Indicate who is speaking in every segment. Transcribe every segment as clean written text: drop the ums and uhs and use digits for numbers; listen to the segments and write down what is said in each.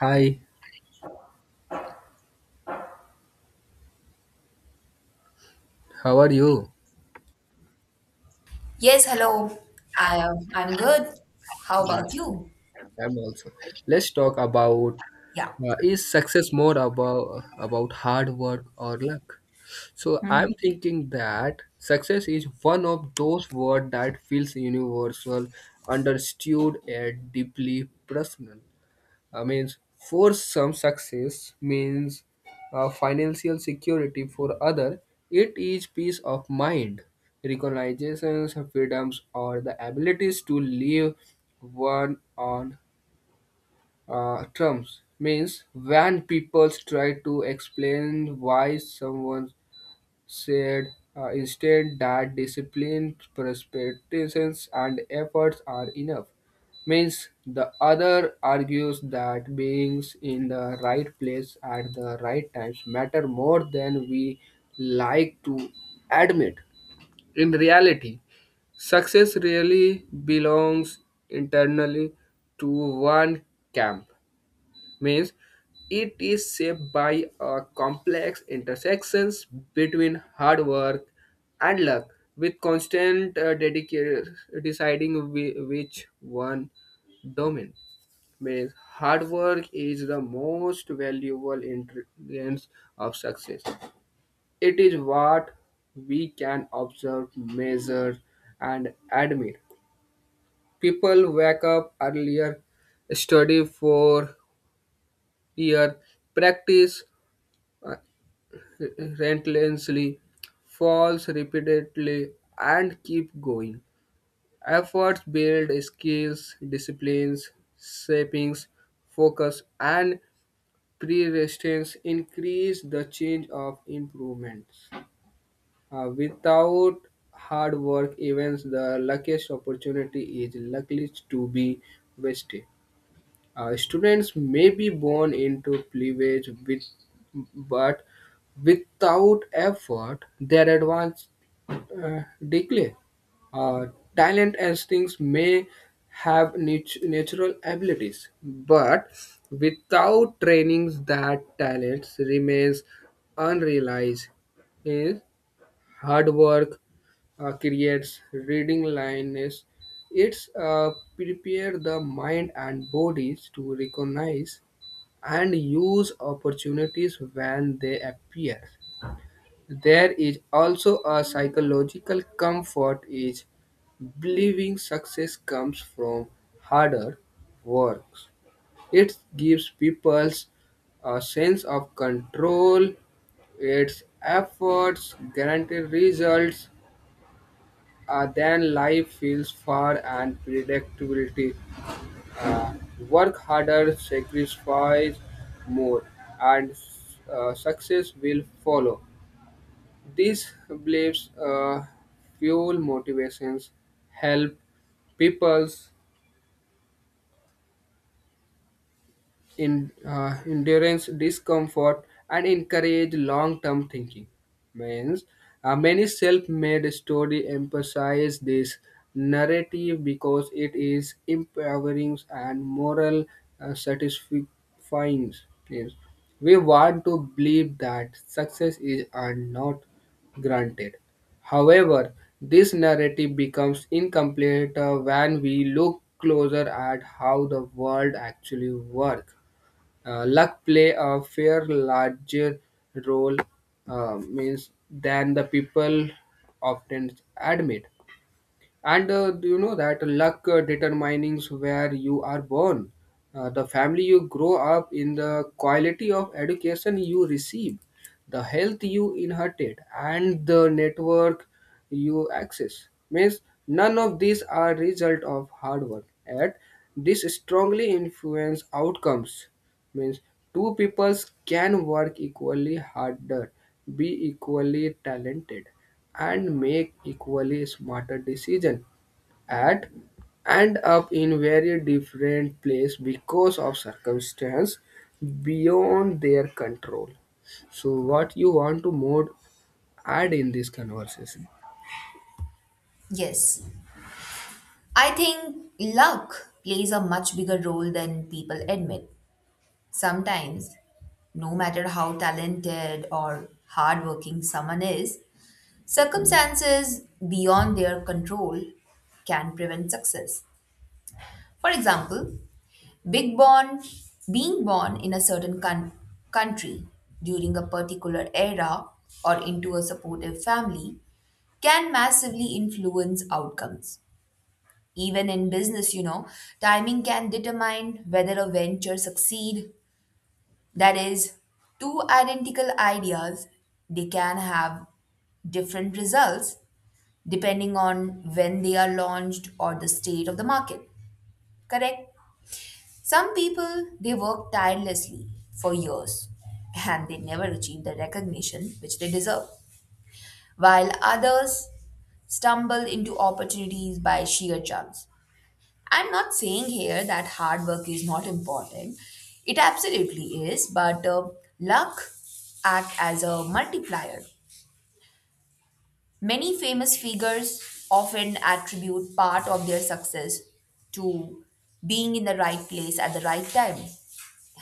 Speaker 1: Hi, how are you?
Speaker 2: Yes, hello. I I'm good. How about you?
Speaker 1: I'm also. Let's talk about
Speaker 2: Yeah.
Speaker 1: is success more about hard work or luck? So I'm thinking that success is one of those words that feels universal, understood, and deeply personal. Means for some success means financial security, for other it is peace of mind, recognitions, freedoms, or the abilities to live one on terms. Means when people try to explain why someone said instead that discipline, perseverance, and efforts are enough. Means the other argues that being in the right place at the right times matter more than we like to admit. In reality, success really belongs internally to one camp. Means it is shaped by a complex intersections between hard work and luck with constant deciding which one domain. Means hard work is the most valuable ingredients of success. It is what we can observe, measure, and admire. People wake up earlier, study for year, practice uh, relentlessly, falls repeatedly, and keep going. Efforts build skills, disciplines, shapings, focus, and pre-resistance increase the change of improvements. Without hard work, even the luckiest opportunity is likely to be wasted. Students may be born into privilege, with, but without effort, their advance uh, decay. Uh, talent and things may have natural abilities, but without trainings, that talents remains unrealized. Is hard work, creates reading lines. It's prepare the mind and bodies to recognize and use opportunities when they appear. There is also a psychological comfort is believing success comes from harder works. It gives people a sense of control, its efforts guarantee results, then life feels far and predictability. Uh, work harder, sacrifice more, and success will follow. These beliefs fuel motivations, help people's in, endurance discomfort and encourage long-term thinking. Means Many self-made story emphasize this narrative because it is empowering and moral satisfying. Yes. We want to believe that success is earned, not granted. However, this narrative becomes incomplete when we look closer at how the world actually works. Luck play a fair larger role means than the people often admit. And do you know that luck determines where you are born, the family you grow up in, the quality of education you receive, the health you inherited, and the network you access. Means none of these are result of hard work. Yet, this strongly influence outcomes. Means two peoples can work equally harder, be equally talented, and make equally smarter decision at end up in very different place because of circumstance beyond their control. So what you want to more add in this conversation?
Speaker 2: Yes, I think luck plays a much bigger role than people admit. Sometimes, no matter how talented or hardworking someone is, circumstances beyond their control can prevent success. For example, big born being born in a certain con country during a particular era or into a supportive family can massively influence outcomes. Even in business, you know, timing can determine whether a venture succeed. That is, two identical ideas, they can have different results depending on when they are launched or the state of the market. Correct? Some people, they work tirelessly for years and they never achieve the recognition which they deserve, while others stumble into opportunities by sheer chance. I'm not saying here that hard work is not important, it absolutely is, but luck act as a multiplier. Many famous figures often attribute part of their success to being in the right place at the right time.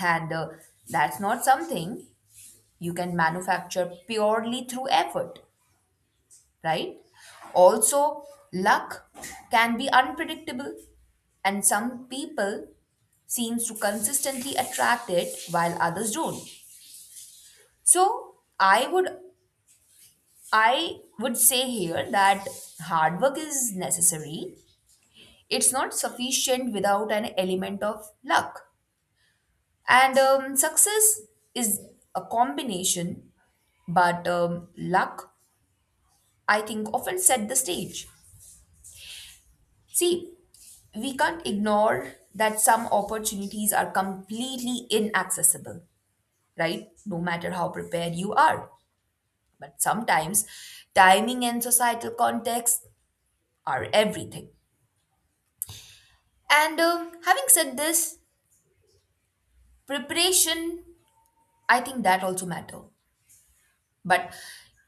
Speaker 2: And that's not something you can manufacture purely through effort, right? Also, luck can be unpredictable, and some people seems to consistently attract it while others don't. So, I would say here that hard work is necessary. It's not sufficient without an element of luck. And success is a combination, but luck, I think, often set the stage. See, we can't ignore that some opportunities are completely inaccessible, right? No matter how prepared you are. But sometimes timing and societal context are everything. And having said this, preparation, I think that also matter. But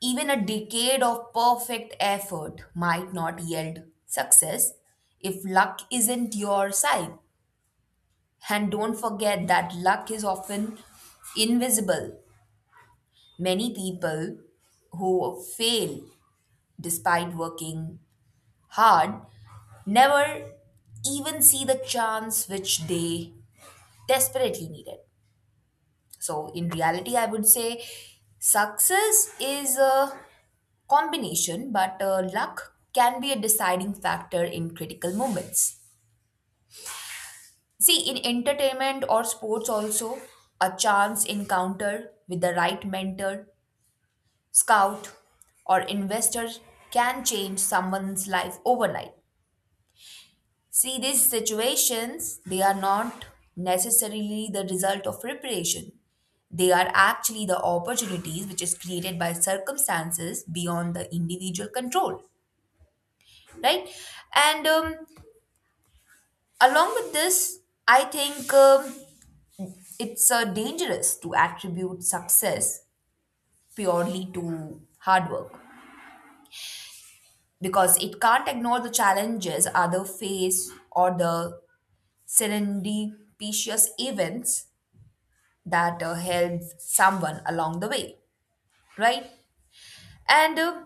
Speaker 2: even a decade of perfect effort might not yield success if luck isn't your side. And don't forget that luck is often invisible. Many people who fail despite working hard never even see the chance which they desperately needed. So, in reality, I would say success is a combination, but luck can be a deciding factor in critical moments. See, in entertainment or sports, also, a chance encounter with the right mentor, scout, or investor can change someone's life overnight. See, these situations, they are not necessarily the result of preparation. They are actually the opportunities which is created by circumstances beyond the individual control, right? And along with this, I think it's dangerous to attribute success purely to hard work because it can't ignore the challenges other face or the serendipitous events that help someone along the way, right? And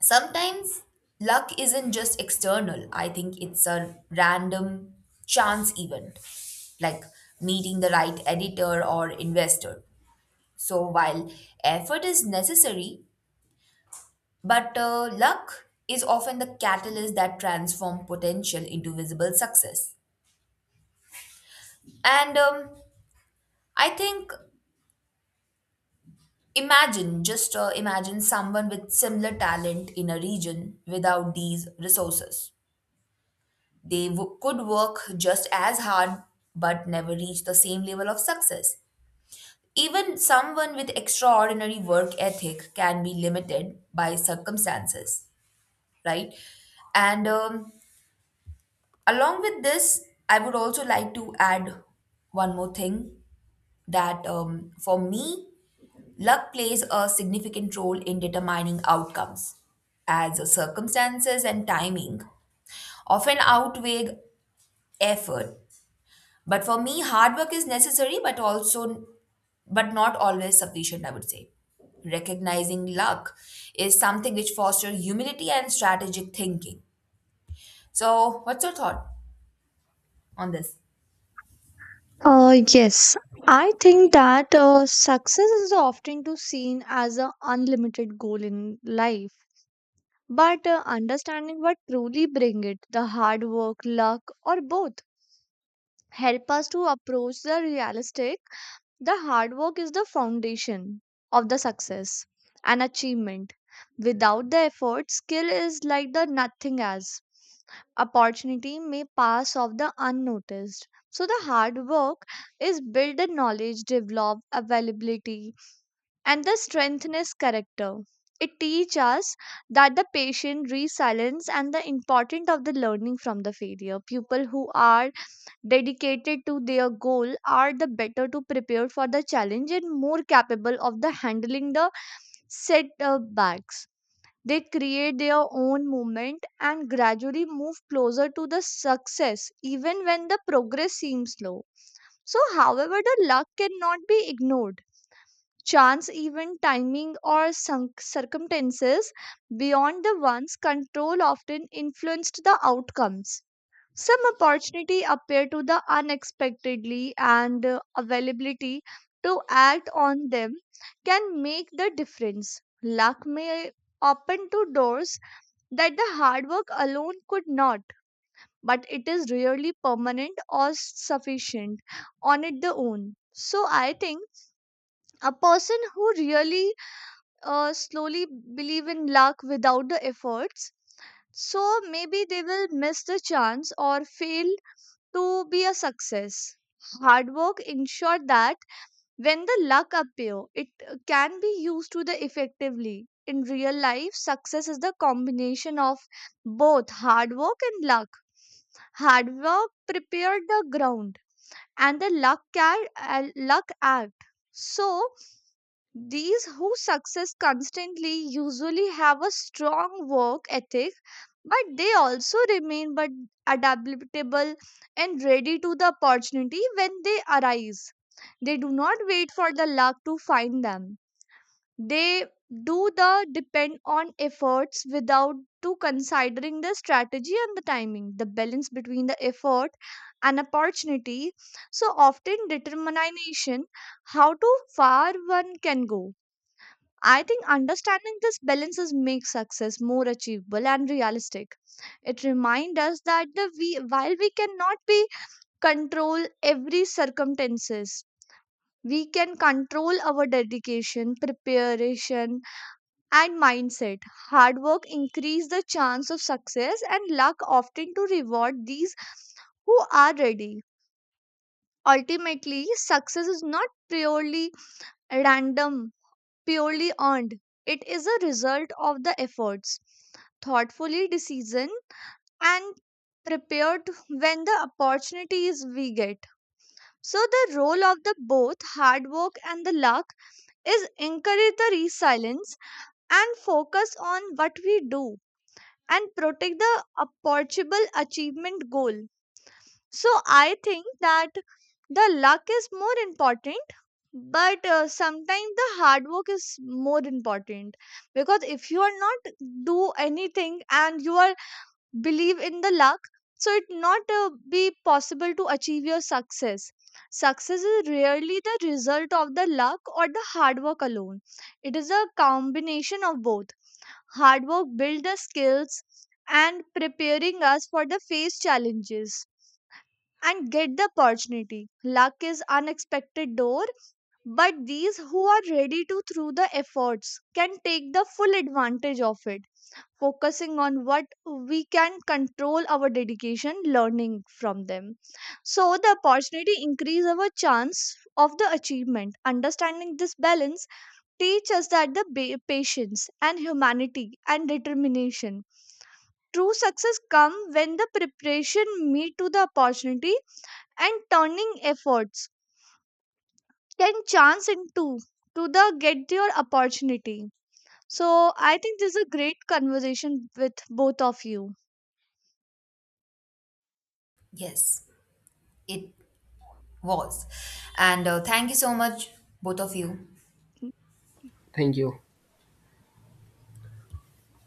Speaker 2: sometimes luck isn't just external, I think it's a random chance event, like meeting the right editor or investor. So while effort is necessary, but luck is often the catalyst that transforms potential into visible success. And I think imagine, just imagine someone with similar talent in a region without these resources. They could work just as hard but never reach the same level of success. Even someone with extraordinary work ethic can be limited by circumstances, right? And along with this, I would also like to add one more thing that for me, luck plays a significant role in determining outcomes, as circumstances and timing often outweigh effort. But for me, hard work is necessary, but also, but not always sufficient, I would say. Recognizing luck is something which fosters humility and strategic thinking. So, what's your thought on this?
Speaker 3: Uh, yes, I think that success is often too seen as an unlimited goal in life. But understanding what truly bring it, the hard work, luck, or both, help us to approach the realistic. The hard work is the foundation of the success and achievement. Without the effort, skill is like the nothing as opportunity may pass off the unnoticed. So the hard work is build the knowledge, develop availability, and the strengthen is character. It teaches us that the patient resilience and the importance of the learning from the failure. People who are dedicated to their goal are the better to prepared for the challenge and more capable of the handling the setbacks. They create their own movement and gradually move closer to the success even when the progress seems slow. So however, the luck cannot be ignored. Chance event, timing, or sunk circumstances beyond the one's control often influenced the outcomes. Some opportunity appear to the unexpectedly, and availability to act on them can make the difference. Luck may open to doors that the hard work alone could not, but it is rarely permanent or sufficient on it the own. So I think a person who really slowly believe in luck without the efforts, so maybe they will miss the chance or fail to be a success. Hard work ensure that when the luck appear, it can be used to the effectively. In real life, success is the combination of both hard work and luck. Hard work prepared the ground and the luck, luck act. So these who success constantly usually have a strong work ethic, but they also remain but adaptable and ready to the opportunity when they arise. They do not wait for the luck to find them. They do the depend on efforts without to considering the strategy and the timing. The balance between the effort and opportunity so often determination how to far one can go. I think understanding this balances makes success more achievable and realistic. It reminds us that the we, while we cannot be control every circumstances, we can control our dedication, preparation, and mindset. Hard work increase the chance of success, and luck often to reward these who are ready. Ultimately, success is not purely random purely earned. It is a result of the efforts, thoughtfully decision, and prepared when the opportunities we get. So the role of the both hard work and the luck is encourage the resilience and focus on what we do and protect the approachable achievement goal. So I think that the luck is more important, but sometimes the hard work is more important because if you are not do anything and you are believe in the luck, so it not be possible to achieve your success. Success is rarely the result of the luck or the hard work alone. It is a combination of both. Hard work build the skills and preparing us for the face challenges and get the opportunity. Luck is unexpected door, but these who are ready to through the efforts can take the full advantage of it, focusing on what we can control our dedication learning from them. So the opportunity increase our chance of the achievement. Understanding this balance teach us that patience and humanity and determination. True success come when the preparation meet to the opportunity and turning efforts can chance into to the get your opportunity. So I think this is a great conversation with both of you.
Speaker 2: Yes, it was. And thank you so much, both of you.
Speaker 1: Thank you.